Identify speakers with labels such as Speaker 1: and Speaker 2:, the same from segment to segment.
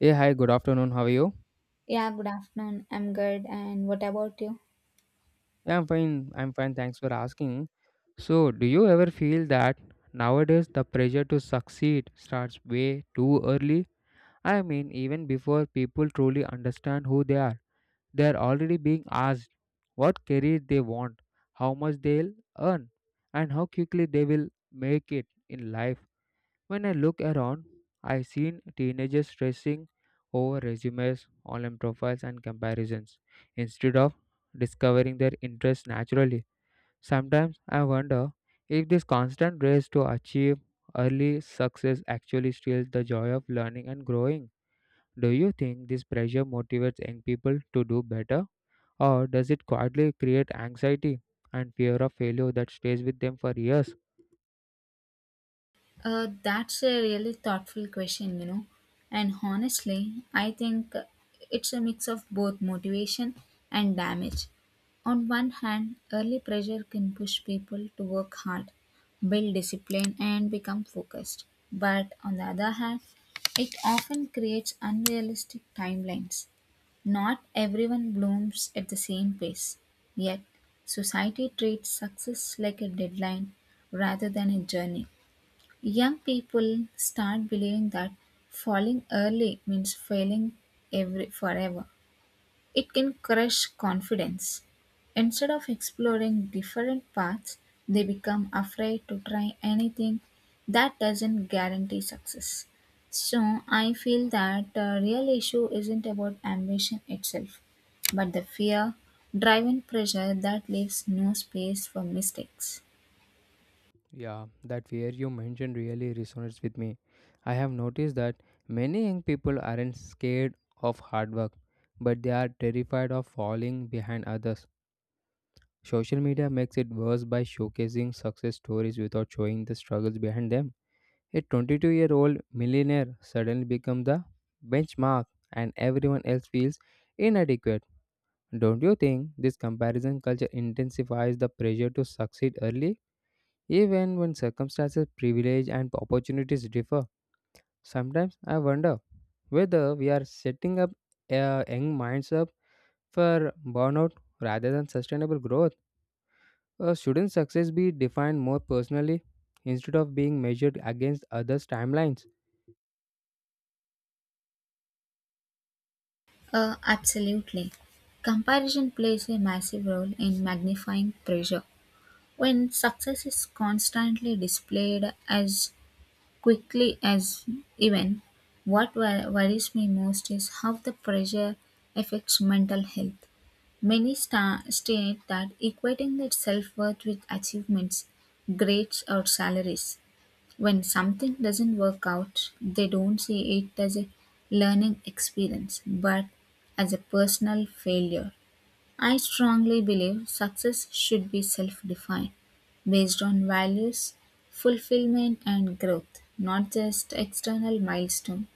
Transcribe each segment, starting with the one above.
Speaker 1: Hey, hi, good afternoon. How are you?
Speaker 2: Yeah, good afternoon. I'm good. And what about you?
Speaker 1: Yeah, I'm fine. I'm fine. Thanks for asking. So, do you ever feel that nowadays the pressure to succeed starts way too early? I mean, even before people truly understand who they are already being asked what career they want, how much they'll earn, and how quickly they will make it in life. When I look around, I seen teenagers stressing over resumes, online profiles, and comparisons instead of discovering their interests naturally. Sometimes I wonder if this constant race to achieve early success actually steals the joy of learning and growing. Do you think this pressure motivates young people to do better, or does it quietly create anxiety and fear of failure that stays with them for years?
Speaker 2: That's a really thoughtful question, you know. And honestly, I think it's a mix of both motivation and damage. On one hand, early pressure can push people to work hard, build discipline, and become focused. But on the other hand, it often creates unrealistic timelines. Not everyone blooms at the same pace. Yet, society treats success like a deadline rather than a journey. Young people start believing that falling early means failing every forever. It can crush confidence. Instead of exploring different paths, they become afraid to try anything that doesn't guarantee success. So I feel that the real issue isn't about ambition itself, but the fear, driven pressure that leaves no space for mistakes.
Speaker 1: Yeah, that fear you mentioned really resonates with me. I have noticed that many young people aren't scared of hard work, but they are terrified of falling behind others. Social media makes it worse by showcasing success stories without showing the struggles behind them. A 22-year-old year old millionaire suddenly becomes the benchmark, and everyone else feels inadequate. Don't you think this comparison culture intensifies the pressure to succeed early? Even when circumstances, privilege, and opportunities differ, sometimes I wonder whether we are setting up young minds up for burnout rather than sustainable growth. Shouldn't success be defined more personally instead of being measured against others' timelines?
Speaker 2: Absolutely. Comparison plays a massive role in magnifying pressure. When success is constantly displayed as quickly as even, worries me most is how the pressure affects mental health. Many state that equating their self worth with achievements, grades, or salaries when something doesn't work out, they don't see it as a learning experience but as a personal failure. I strongly believe success should be self defined based on values, fulfillment, and growth, not just external milestone.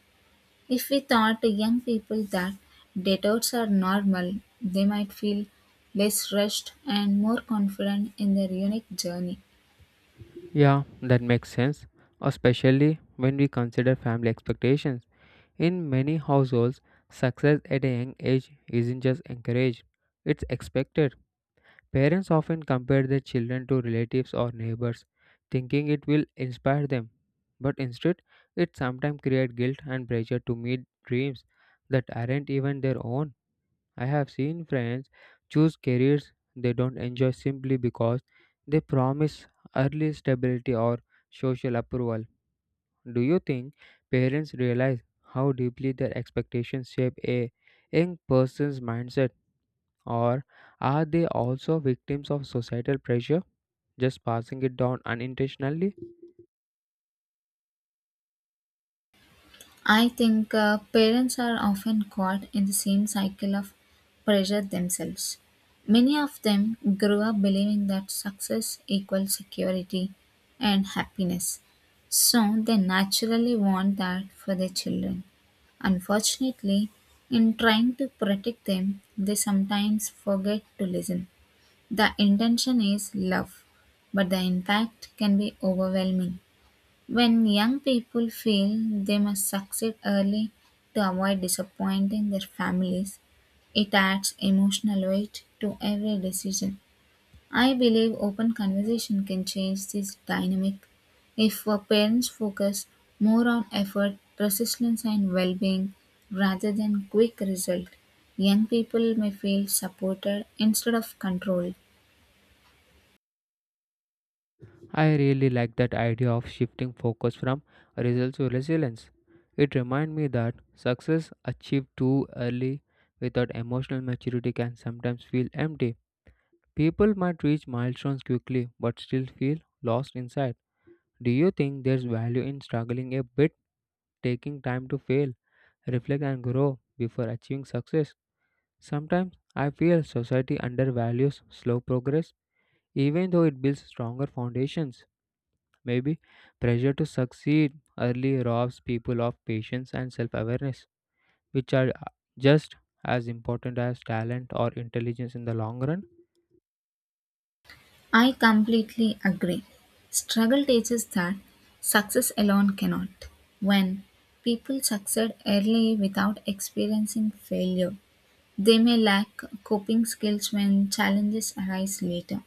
Speaker 2: If we taught young people that detours are normal, they might feel less rushed and more confident in their unique journey.
Speaker 1: Yeah, that makes sense, especially when we consider family expectations. In many households, success at a young age isn't just encouraged, it's expected. Parents often compare their children to relatives or neighbors, thinking it will inspire them. But instead, it sometimes creates guilt and pressure to meet dreams that aren't even their own. I have seen friends choose careers they don't enjoy simply because they promise early stability or social approval. Do you think parents realize how deeply their expectations shape a young person's mindset? Or are they also victims of societal pressure, just passing it down unintentionally?
Speaker 2: I think parents are often caught in the same cycle of pressure themselves. Many of them grew up believing that success equals security and happiness, so they naturally want that for their children. Unfortunately, in trying to protect them, they sometimes forget to listen. The intention is love, but the impact can be overwhelming. When young people feel they must succeed early to avoid disappointing their families, it adds emotional weight to every decision. I believe open conversation can change this dynamic. If our parents focus more on effort, persistence, and well being rather than quick result, young people may feel supported instead of controlled.
Speaker 1: I really like that idea of shifting focus from results to resilience. It reminds me that success achieved too early without emotional maturity can sometimes feel empty. People might reach milestones quickly but still feel lost inside. Do you think there's value in struggling a bit, taking time to fail, reflect, and grow before achieving success? Sometimes I feel society undervalues slow progress, even though it builds stronger foundations. Maybe pressure to succeed early robs people of patience and self awareness, which are just as important as talent or intelligence in the long run.
Speaker 2: I completely agree. Struggle teaches that success alone cannot. When people succeed early without experiencing failure, they may lack coping skills when challenges arise later.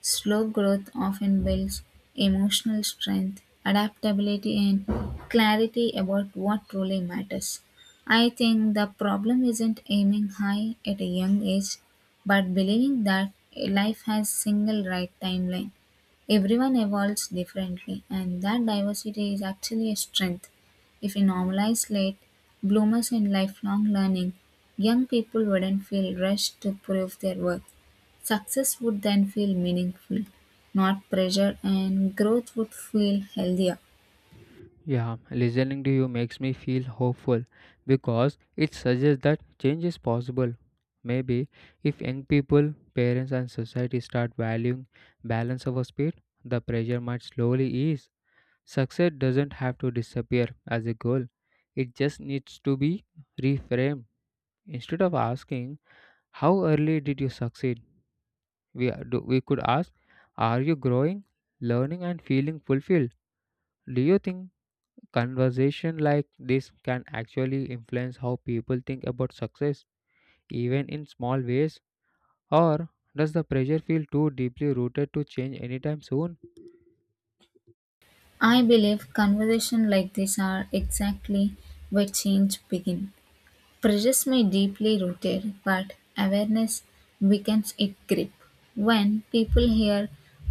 Speaker 2: Slow growth often builds emotional strength, adaptability, and clarity about what truly matters. I think the problem isn't aiming high at a young age, but believing that life has single right timeline. Everyone evolves differently, and that diversity is actually a strength. If we normalize late bloomers and lifelong learning, young people wouldn't feel rushed to prove their worth. Success would then feel meaningful, not pressure, and growth would feel healthier.
Speaker 1: Yeah, listening to you makes me feel hopeful because it suggests that change is possible. Maybe if young people, parents, and society start valuing balance over speed, the pressure might slowly ease. Success doesn't have to disappear as a goal, it just needs to be reframed. Instead of asking, how early did you succeed? We could ask, are you growing, learning, and feeling fulfilled? Do you think conversation like this can actually influence how people think about success, even in small ways? Or does the pressure feel too deeply rooted to change anytime soon?
Speaker 2: I believe conversations like this are exactly where change begins. Prejudice may deeply rooted, but awareness weakens its grip. When people hear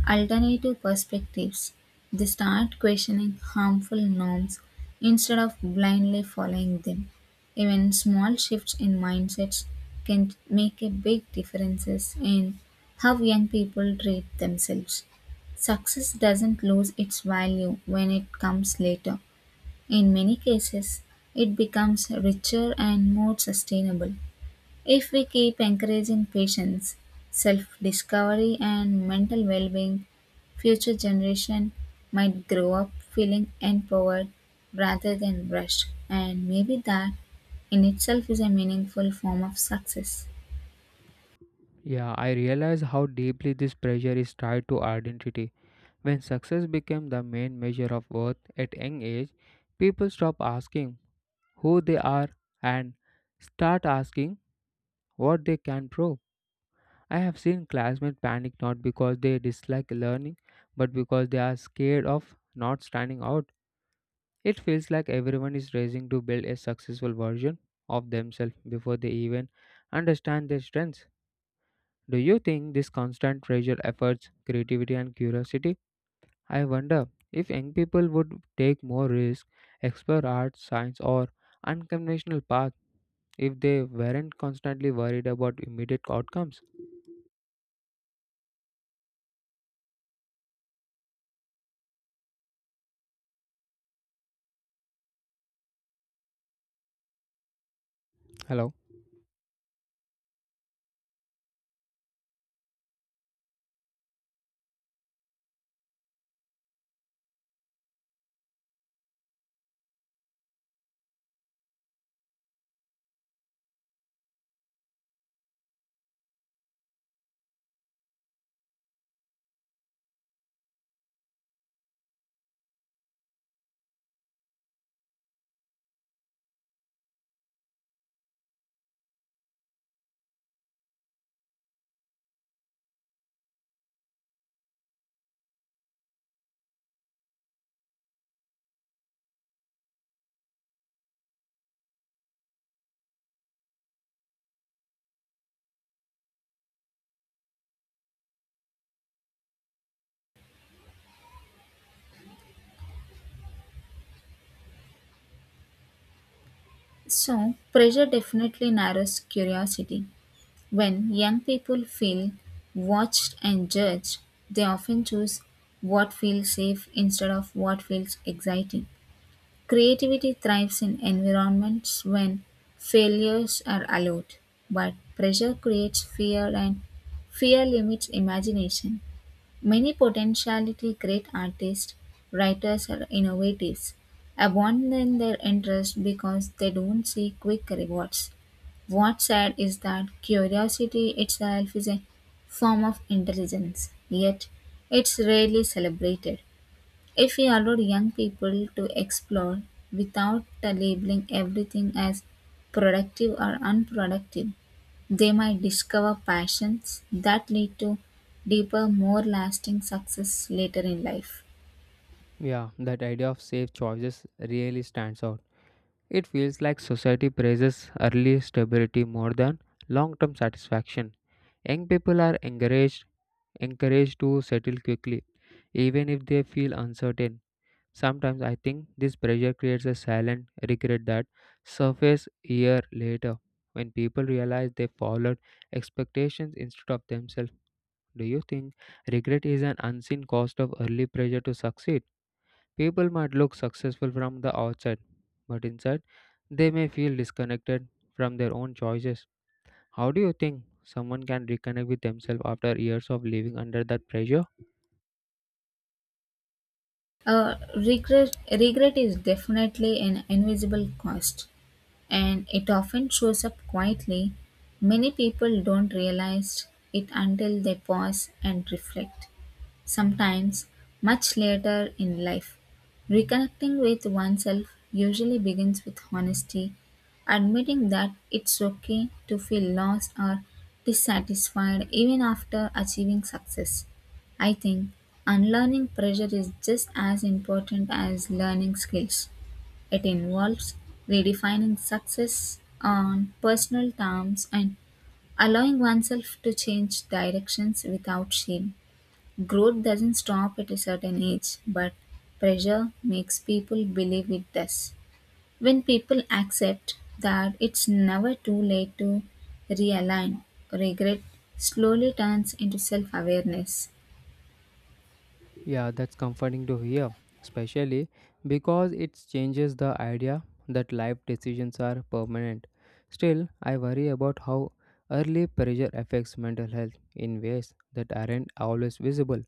Speaker 2: alternative perspectives, they start questioning harmful norms instead of blindly following them. Even small shifts in mindsets can make a big differences in how young people treat themselves. Success doesn't lose its value when it comes later. In many cases, it becomes richer and more sustainable if we keep encouraging patients, self discovery, and mental well being. Future generation might grow up feeling empowered rather than rushed, and maybe that in itself is a meaningful form of success.
Speaker 1: Yeah, I realize how deeply this pressure is tied to identity. When success became the main measure of worth at young age, people stop asking who they are and start asking what they can prove. I have seen classmates panic not because they dislike learning, but because they are scared of not standing out. It feels like everyone is racing to build a successful version of themselves before they even understand their strengths. Do you think this constant pressure efforts creativity and curiosity? I wonder if young people would take more risks, explore arts, science, or unconventional paths if they weren't constantly worried about immediate outcomes. Hello?
Speaker 2: So, pressure definitely narrows curiosity. When young people feel watched and judged, they often choose what feels safe instead of what feels exciting. Creativity thrives in environments when failures are allowed, but pressure creates fear and fear limits imagination. Many potentiality great artists, writers, or innovators abandon their interest because they don't see quick rewards. What's sad is that curiosity itself is a form of intelligence, yet it's rarely celebrated. If we allow young people to explore without labeling everything as productive or unproductive, they might discover passions that lead to deeper, more lasting success later in life.
Speaker 1: Yeah, that idea of safe choices really stands out. It feels like society praises early stability more than long term satisfaction. Young people are encouraged to settle quickly, even if they feel uncertain. Sometimes I think this pressure creates a silent regret that surface year later when people realize they followed expectations instead of themselves. Do you think regret is an unseen cost of early pressure to succeed? People might look successful from the outside, but inside they may feel disconnected from their own choices. How do you think someone can reconnect with themselves after years of living under that pressure?
Speaker 2: Regret is definitely an invisible cost and it often shows up quietly. Many people don't realize it until they pause and reflect, sometimes much later in life. Reconnecting with oneself usually begins with honesty, admitting that it's okay to feel lost or dissatisfied even after achieving success. I think unlearning pressure is just as important as learning skills. It involves redefining success on personal terms and allowing oneself to change directions without shame. Growth doesn't stop at a certain age, but pressure makes people believe it does. When people accept that it's never too late to realign, regret slowly turns into self awareness.
Speaker 1: Yeah, that's comforting to hear, especially because it changes the idea that life decisions are permanent. Still, I worry about how early pressure affects mental health in ways that aren't always visible.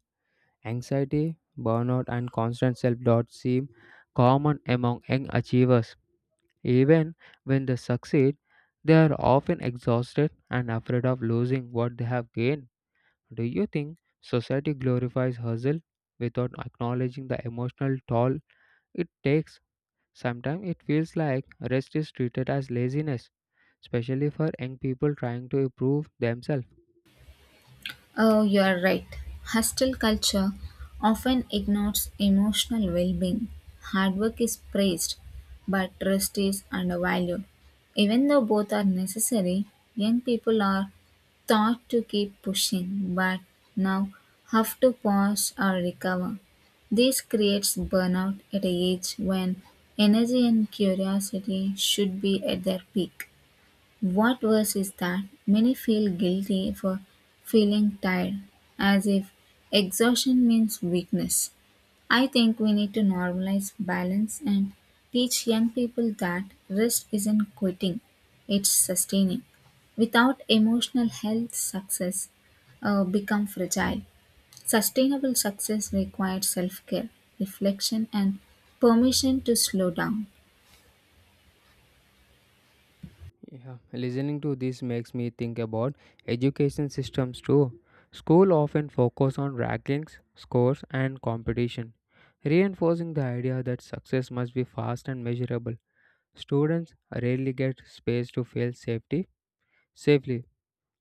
Speaker 1: Anxiety, burnout, and constant self doubt seem common among young achievers. Even when they succeed, they are often exhausted and afraid of losing what they have gained. Do you think society glorifies hustle without acknowledging the emotional toll it takes? Sometimes it feels like rest is treated as laziness, especially for young people trying to improve themselves.
Speaker 2: Oh, you are right. Hostile culture often ignores emotional well being. Hard work is praised, but rest is undervalued. Even though both are necessary, young people are taught to keep pushing, but now have to pause or recover. This creates burnout at a age when energy and curiosity should be at their peak. What worse is that many feel guilty for feeling tired, as if exhaustion means weakness. I think we need to normalize balance and teach young people that rest isn't quitting, it's sustaining. Without emotional health, success become fragile. Sustainable success requires self care, reflection, and permission to slow down.
Speaker 1: Yeah, listening to this makes me think about education systems too. School often focus on rankings, scores and competition, reinforcing the idea that success must be fast and measurable. Students rarely get space to feel safety safely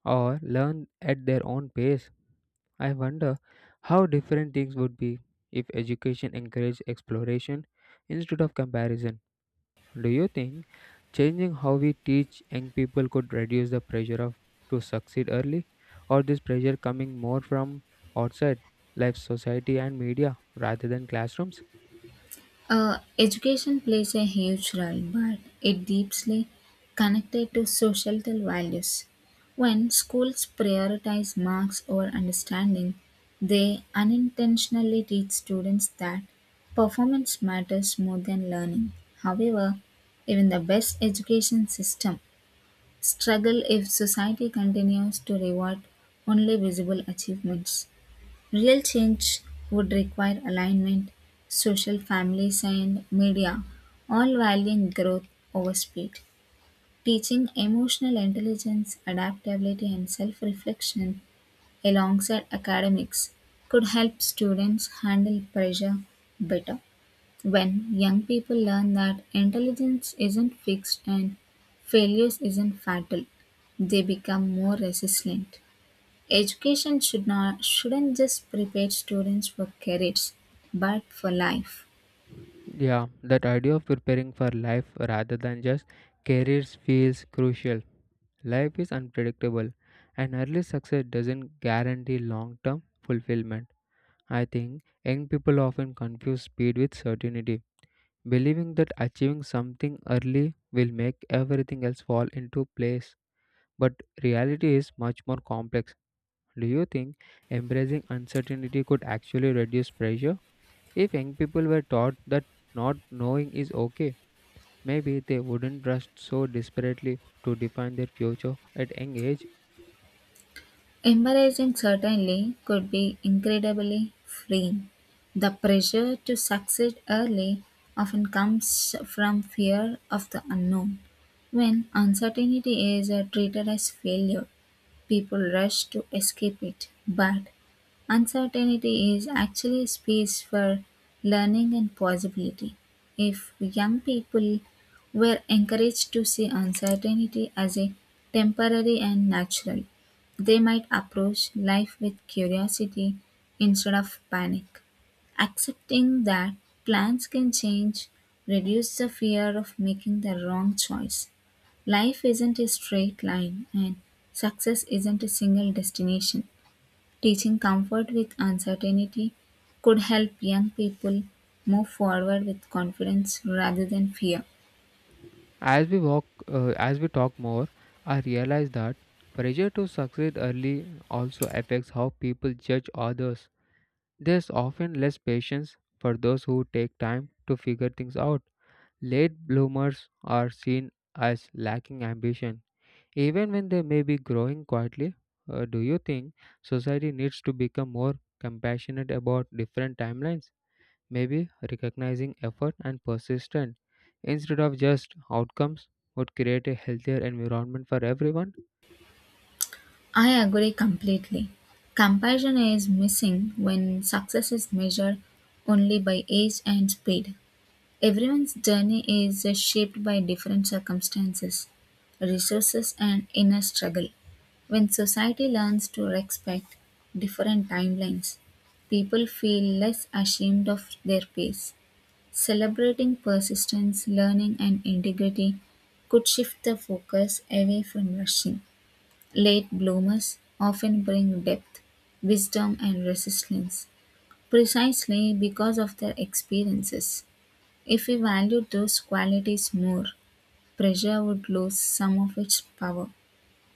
Speaker 1: or learn at their own pace. I wonder how different things would be if education encouraged exploration instead of comparison. Do you think changing how we teach young people could reduce the pressure of to succeed early, or this pressure coming more from outside like society and media rather than classrooms?
Speaker 2: Education plays a huge role, but it deeply connected to societal values. When schools prioritize marks over understanding, they unintentionally teach students that performance matters more than learning. However, even the best education system struggle if society continues to reward only visible achievements. Real change would require alignment, social families, and media, all valuing growth over speed. Teaching emotional intelligence, adaptability, and self reflection alongside academics could help students handle pressure better. When young people learn that intelligence isn't fixed and failures isn't fatal, they become more resilient. Education should not shouldn't just prepare students for careers, but for life.
Speaker 1: Yeah, that idea of preparing for life rather than just careers feels crucial. Life is unpredictable, and early success doesn't guarantee long term fulfillment. I think young people often confuse speed with certainty, believing that achieving something early will make everything else fall into place. But reality is much more complex. Do you think embracing uncertainty could actually reduce pressure? If young people were taught that not knowing is okay, maybe they wouldn't rush so desperately to define their future at young age.
Speaker 2: Embarrassing certainly could be incredibly freeing. The pressure to succeed early often comes from fear of the unknown. When uncertainty is treated as failure, people rush to escape it, but uncertainty is actually a space for learning and possibility. If young people were encouraged to see uncertainty as a temporary and natural, they might approach life with curiosity instead of panic. Accepting that plans can change reduces the fear of making the wrong choice. Life isn't a straight line, and success isn't a single destination. Teaching comfort with uncertainty could help young people move forward with confidence rather than fear.
Speaker 1: As we talk more, I realize that pressure to succeed early also affects how people judge others. There's often less patience for those who take time to figure things out. Late bloomers are seen as lacking ambition, even when they may be growing quietly. Do you think society needs to become more compassionate about different timelines? Maybe recognizing effort and persistence instead of just outcomes would create a healthier environment for everyone.
Speaker 2: I agree completely. Comparison is missing when success is measured only by age and speed. Everyone's journey is shaped by different circumstances, resources, and inner struggle. When society learns to respect different timelines, people feel less ashamed of their pace. Celebrating persistence, learning, and integrity could shift the focus away from rushing. Late bloomers often bring depth, wisdom, and resilience precisely because of their experiences. If we valued those qualities more, pressure would lose some of its power.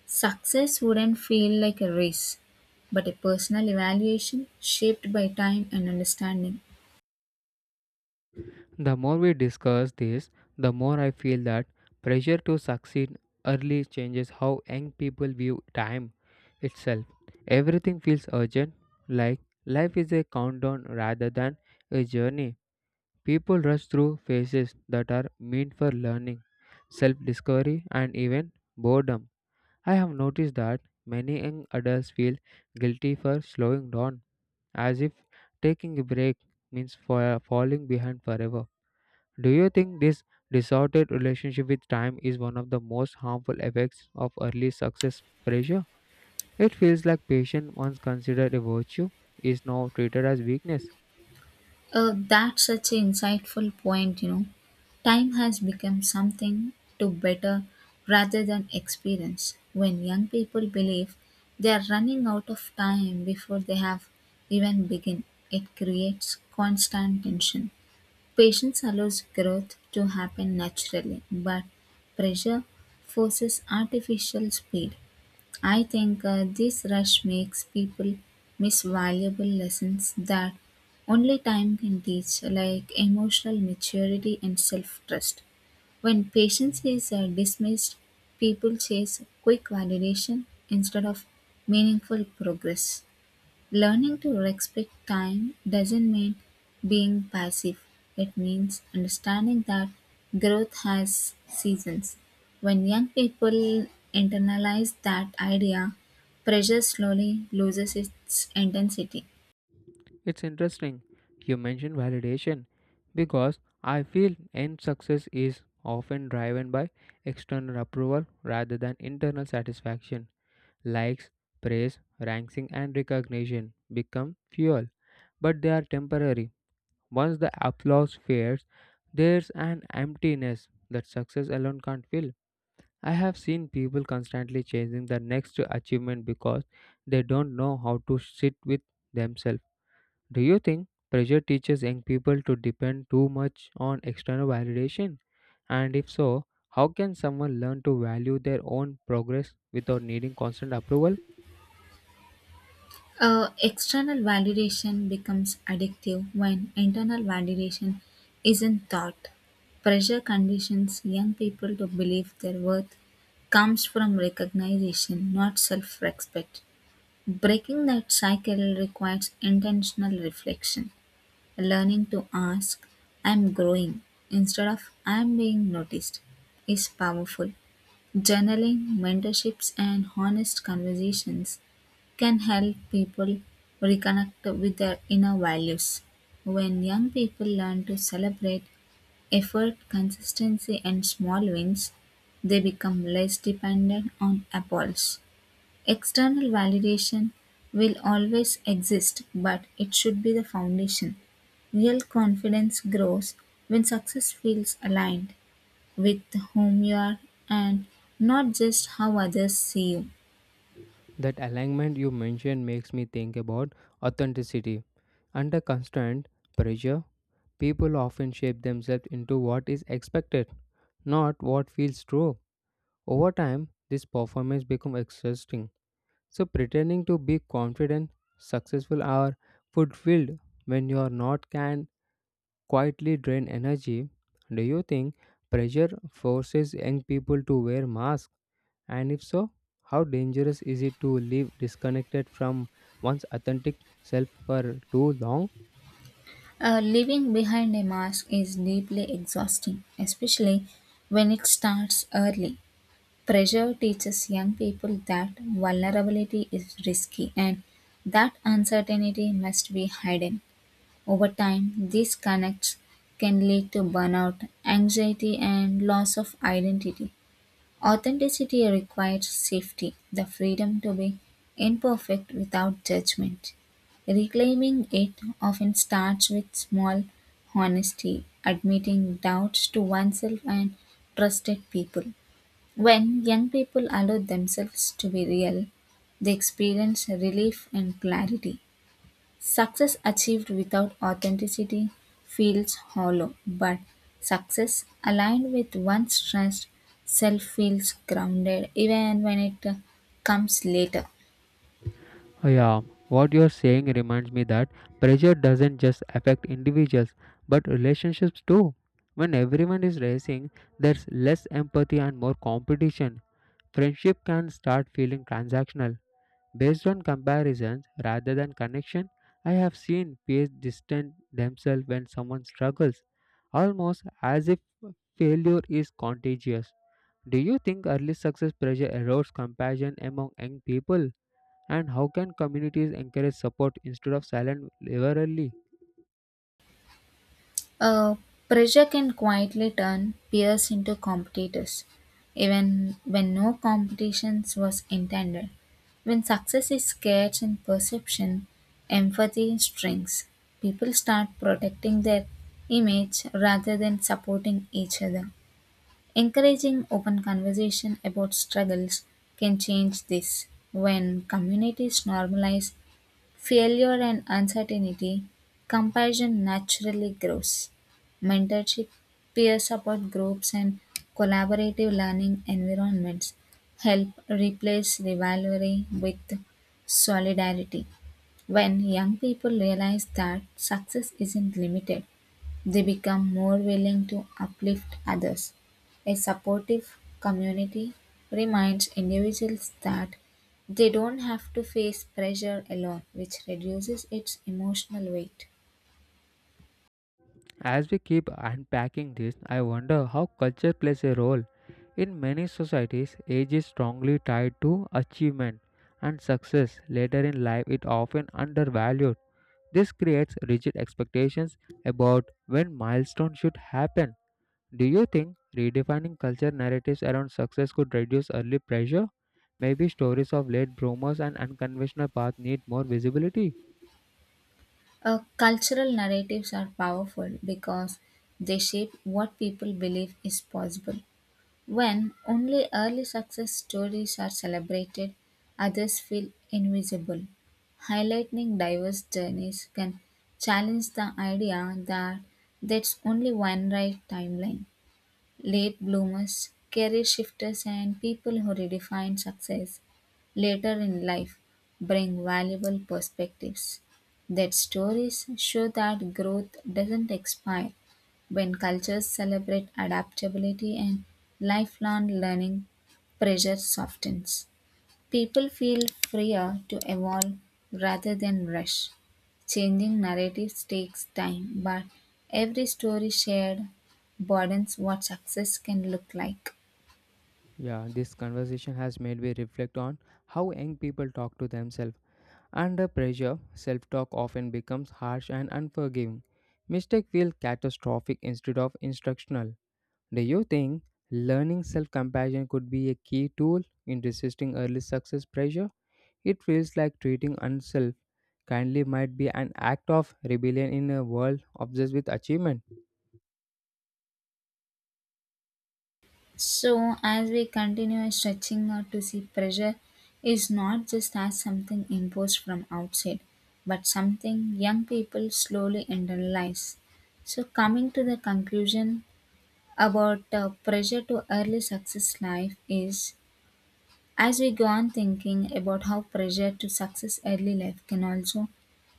Speaker 2: Success wouldn't feel like a race, but a personal evaluation shaped by time and understanding.
Speaker 1: The more we discuss this, the more I feel that pressure to succeed early changes how young people view time itself. Everything feels urgent, like life is a countdown rather than a journey. People rush through phases that are meant for learning, self discovery, and even boredom. I have noticed that many young adults feel guilty for slowing down, as if taking a break means for falling behind forever. Do you think this distorted relationship with time is one of the most harmful effects of early success pressure? It feels like patience once considered a virtue is now treated as weakness.
Speaker 2: Oh, that's such an insightful point, you know. Time has become something to better rather than experience. When young people believe they are running out of time before they have even begun, it creates constant tension. Patience allows growth to happen naturally, but pressure forces artificial speed. I think this rush makes people miss valuable lessons that only time can teach, like emotional maturity and self trust. When patience is dismissed, people chase quick validation instead of meaningful progress. Learning to respect time doesn't mean being passive. It means understanding that growth has seasons. When young people internalize that idea, pressure slowly loses its intensity.
Speaker 1: It's interesting you mentioned validation because I feel end success is often driven by external approval rather than internal satisfaction. Likes, praise, ranking, and recognition become fuel, but they are temporary. Once the applause fades, there's an emptiness that success alone can't fill. I have seen people constantly chasing the next achievement because they don't know how to sit with themselves. Do you think pressure teaches young people to depend too much on external validation? And if so, how can someone learn to value their own progress without needing constant approval?
Speaker 2: External validation becomes addictive when internal validation isn't taught. Pressure conditions young people to believe their worth comes from recognition, not self respect. Breaking that cycle requires intentional reflection, learning to ask, "I'm growing," instead of "I'm being noticed," is powerful. Journaling, mentorships, and honest conversations can help people reconnect with their inner values. When young people learn to celebrate effort, consistency, and small wins, they become less dependent on applause. External validation will always exist, but it should be the foundation. Real confidence grows when success feels aligned with whom you are and not just how others see you.
Speaker 1: That alignment you mentioned makes me think about authenticity. Under constant pressure, people often shape themselves into what is expected, not what feels true. Over time, this performance becomes exhausting. So pretending to be confident, successful or fulfilled when you are not can quietly drain energy. Do you think pressure forces young people to wear masks? And if so, how dangerous is it to live disconnected from one's authentic self for too long?
Speaker 2: Living behind a mask is deeply exhausting, especially when it starts early. Pressure teaches young people that vulnerability is risky and that uncertainty must be hidden. Over time, these connects can lead to burnout, anxiety, and loss of identity. Authenticity requires safety, the freedom to be imperfect without judgment. Reclaiming it often starts with small honesty, admitting doubts to oneself and trusted people. When young people allow themselves to be real, they experience relief and clarity. Success achieved without authenticity feels hollow, but success aligned with one's trust self feels grounded even when it comes later.
Speaker 1: Yeah, what you're saying reminds me that pressure doesn't just affect individuals but relationships too. When everyone is racing, there's less empathy and more competition. Friendship can start feeling transactional, based on comparisons rather than connection. I have seen peers distance themselves when someone struggles, almost as if failure is contagious. Do you think early success pressure erodes compassion among young people? And how can communities encourage support instead of silent rivalry?
Speaker 2: Uh, Pressure can quietly turn peers into competitors, even when no competitions was intended. When success is scarce in perception, empathy shrinks. People start protecting their image rather than supporting each other. Encouraging open conversation about struggles can change this. When communities normalize failure and uncertainty, compassion naturally grows. Mentorship, peer support groups, and collaborative learning environments help replace rivalry with solidarity. When young people realize that success isn't limited they become more willing to uplift others. A supportive community reminds individuals that they don't have to face pressure alone, which reduces its emotional weight.
Speaker 1: As we keep unpacking this, I wonder how culture plays a role. In many societies, age is strongly tied to achievement and success. Later in life, it often undervalued. This creates rigid expectations about when milestones should happen. Do you think redefining culture narratives around success could reduce early pressure? Maybe stories of late bloomers and unconventional paths need more visibility.
Speaker 2: Cultural narratives are powerful because they shape what people believe is possible. When only early success stories are celebrated, others feel invisible. Highlighting diverse journeys can challenge the idea that there's only one right timeline late bloomers, career shifters, and people who redefine success later in life bring valuable perspectives. Their stories show that growth doesn't expire when cultures celebrate adaptability and lifelong learning pressure softens. People feel freer to evolve rather than rush. Changing narratives takes time, but every story shared broadens what success can look like.
Speaker 1: Yeah, this conversation has made me reflect on how young people talk to themselves. Under pressure, self talk often becomes harsh and unforgiving. Mistake feel catastrophic instead of instructional. Do you think learning self compassion could be a key tool in resisting early success pressure? It feels like treating oneself kindly might be an act of rebellion in a world obsessed with achievement.
Speaker 2: So, as we continue stretching out to see pressure is not just as something imposed from outside, but something young people slowly internalize. So, coming to the conclusion about pressure to early success life is as we go on thinking about how pressure to success early life can also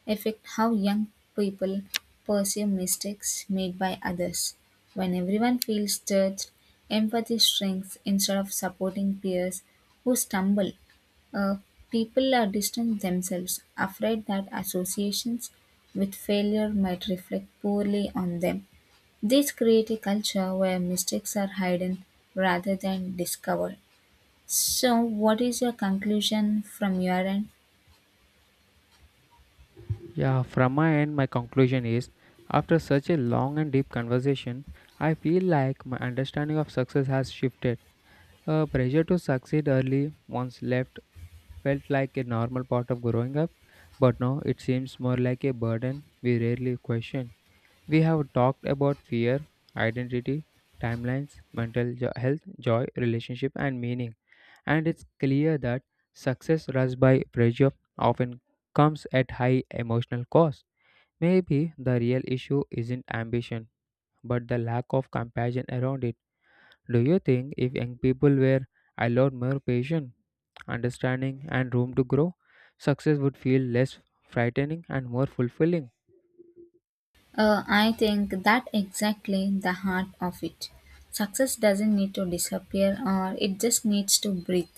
Speaker 2: affect how young people perceive mistakes made by others. When everyone feels judged, empathy shrinks instead of supporting peers who stumble. Uh, People are distant themselves, afraid that associations with failure might reflect poorly on them. This creates a culture where mistakes are hidden rather than discovered. So, what is your conclusion from your end?
Speaker 1: Yeah, from my end, my conclusion is, after such a long and deep conversation, I feel like my understanding of success has shifted. A pressure to succeed early once left felt like a normal part of growing up, but now it seems more like a burden we rarely question. We have talked about fear, identity, timelines, mental health, joy, relationship, and meaning, and it's clear that success rushed by pressure often comes at high emotional cost. Maybe the real issue isn't ambition, but the lack of compassion around it. Do you think if young people were allowed more patience, understanding, and room to grow, success would feel less frightening and more fulfilling?
Speaker 2: I think that exactly the heart of it. Success doesn't need to disappear or it just needs to breathe.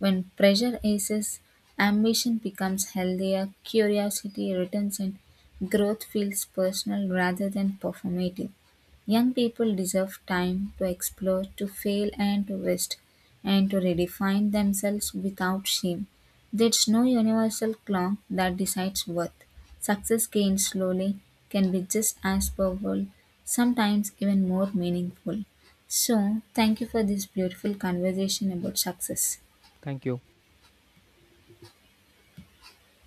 Speaker 2: When pressure eases, ambition becomes healthier, curiosity returns and growth feels personal rather than performative. Young people deserve time to explore, to fail and to rest, and to redefine themselves without shame. There's no universal clock that decides worth. Success gained slowly can be just as powerful, sometimes even more meaningful. So, thank you for this beautiful conversation about success.
Speaker 1: Thank you.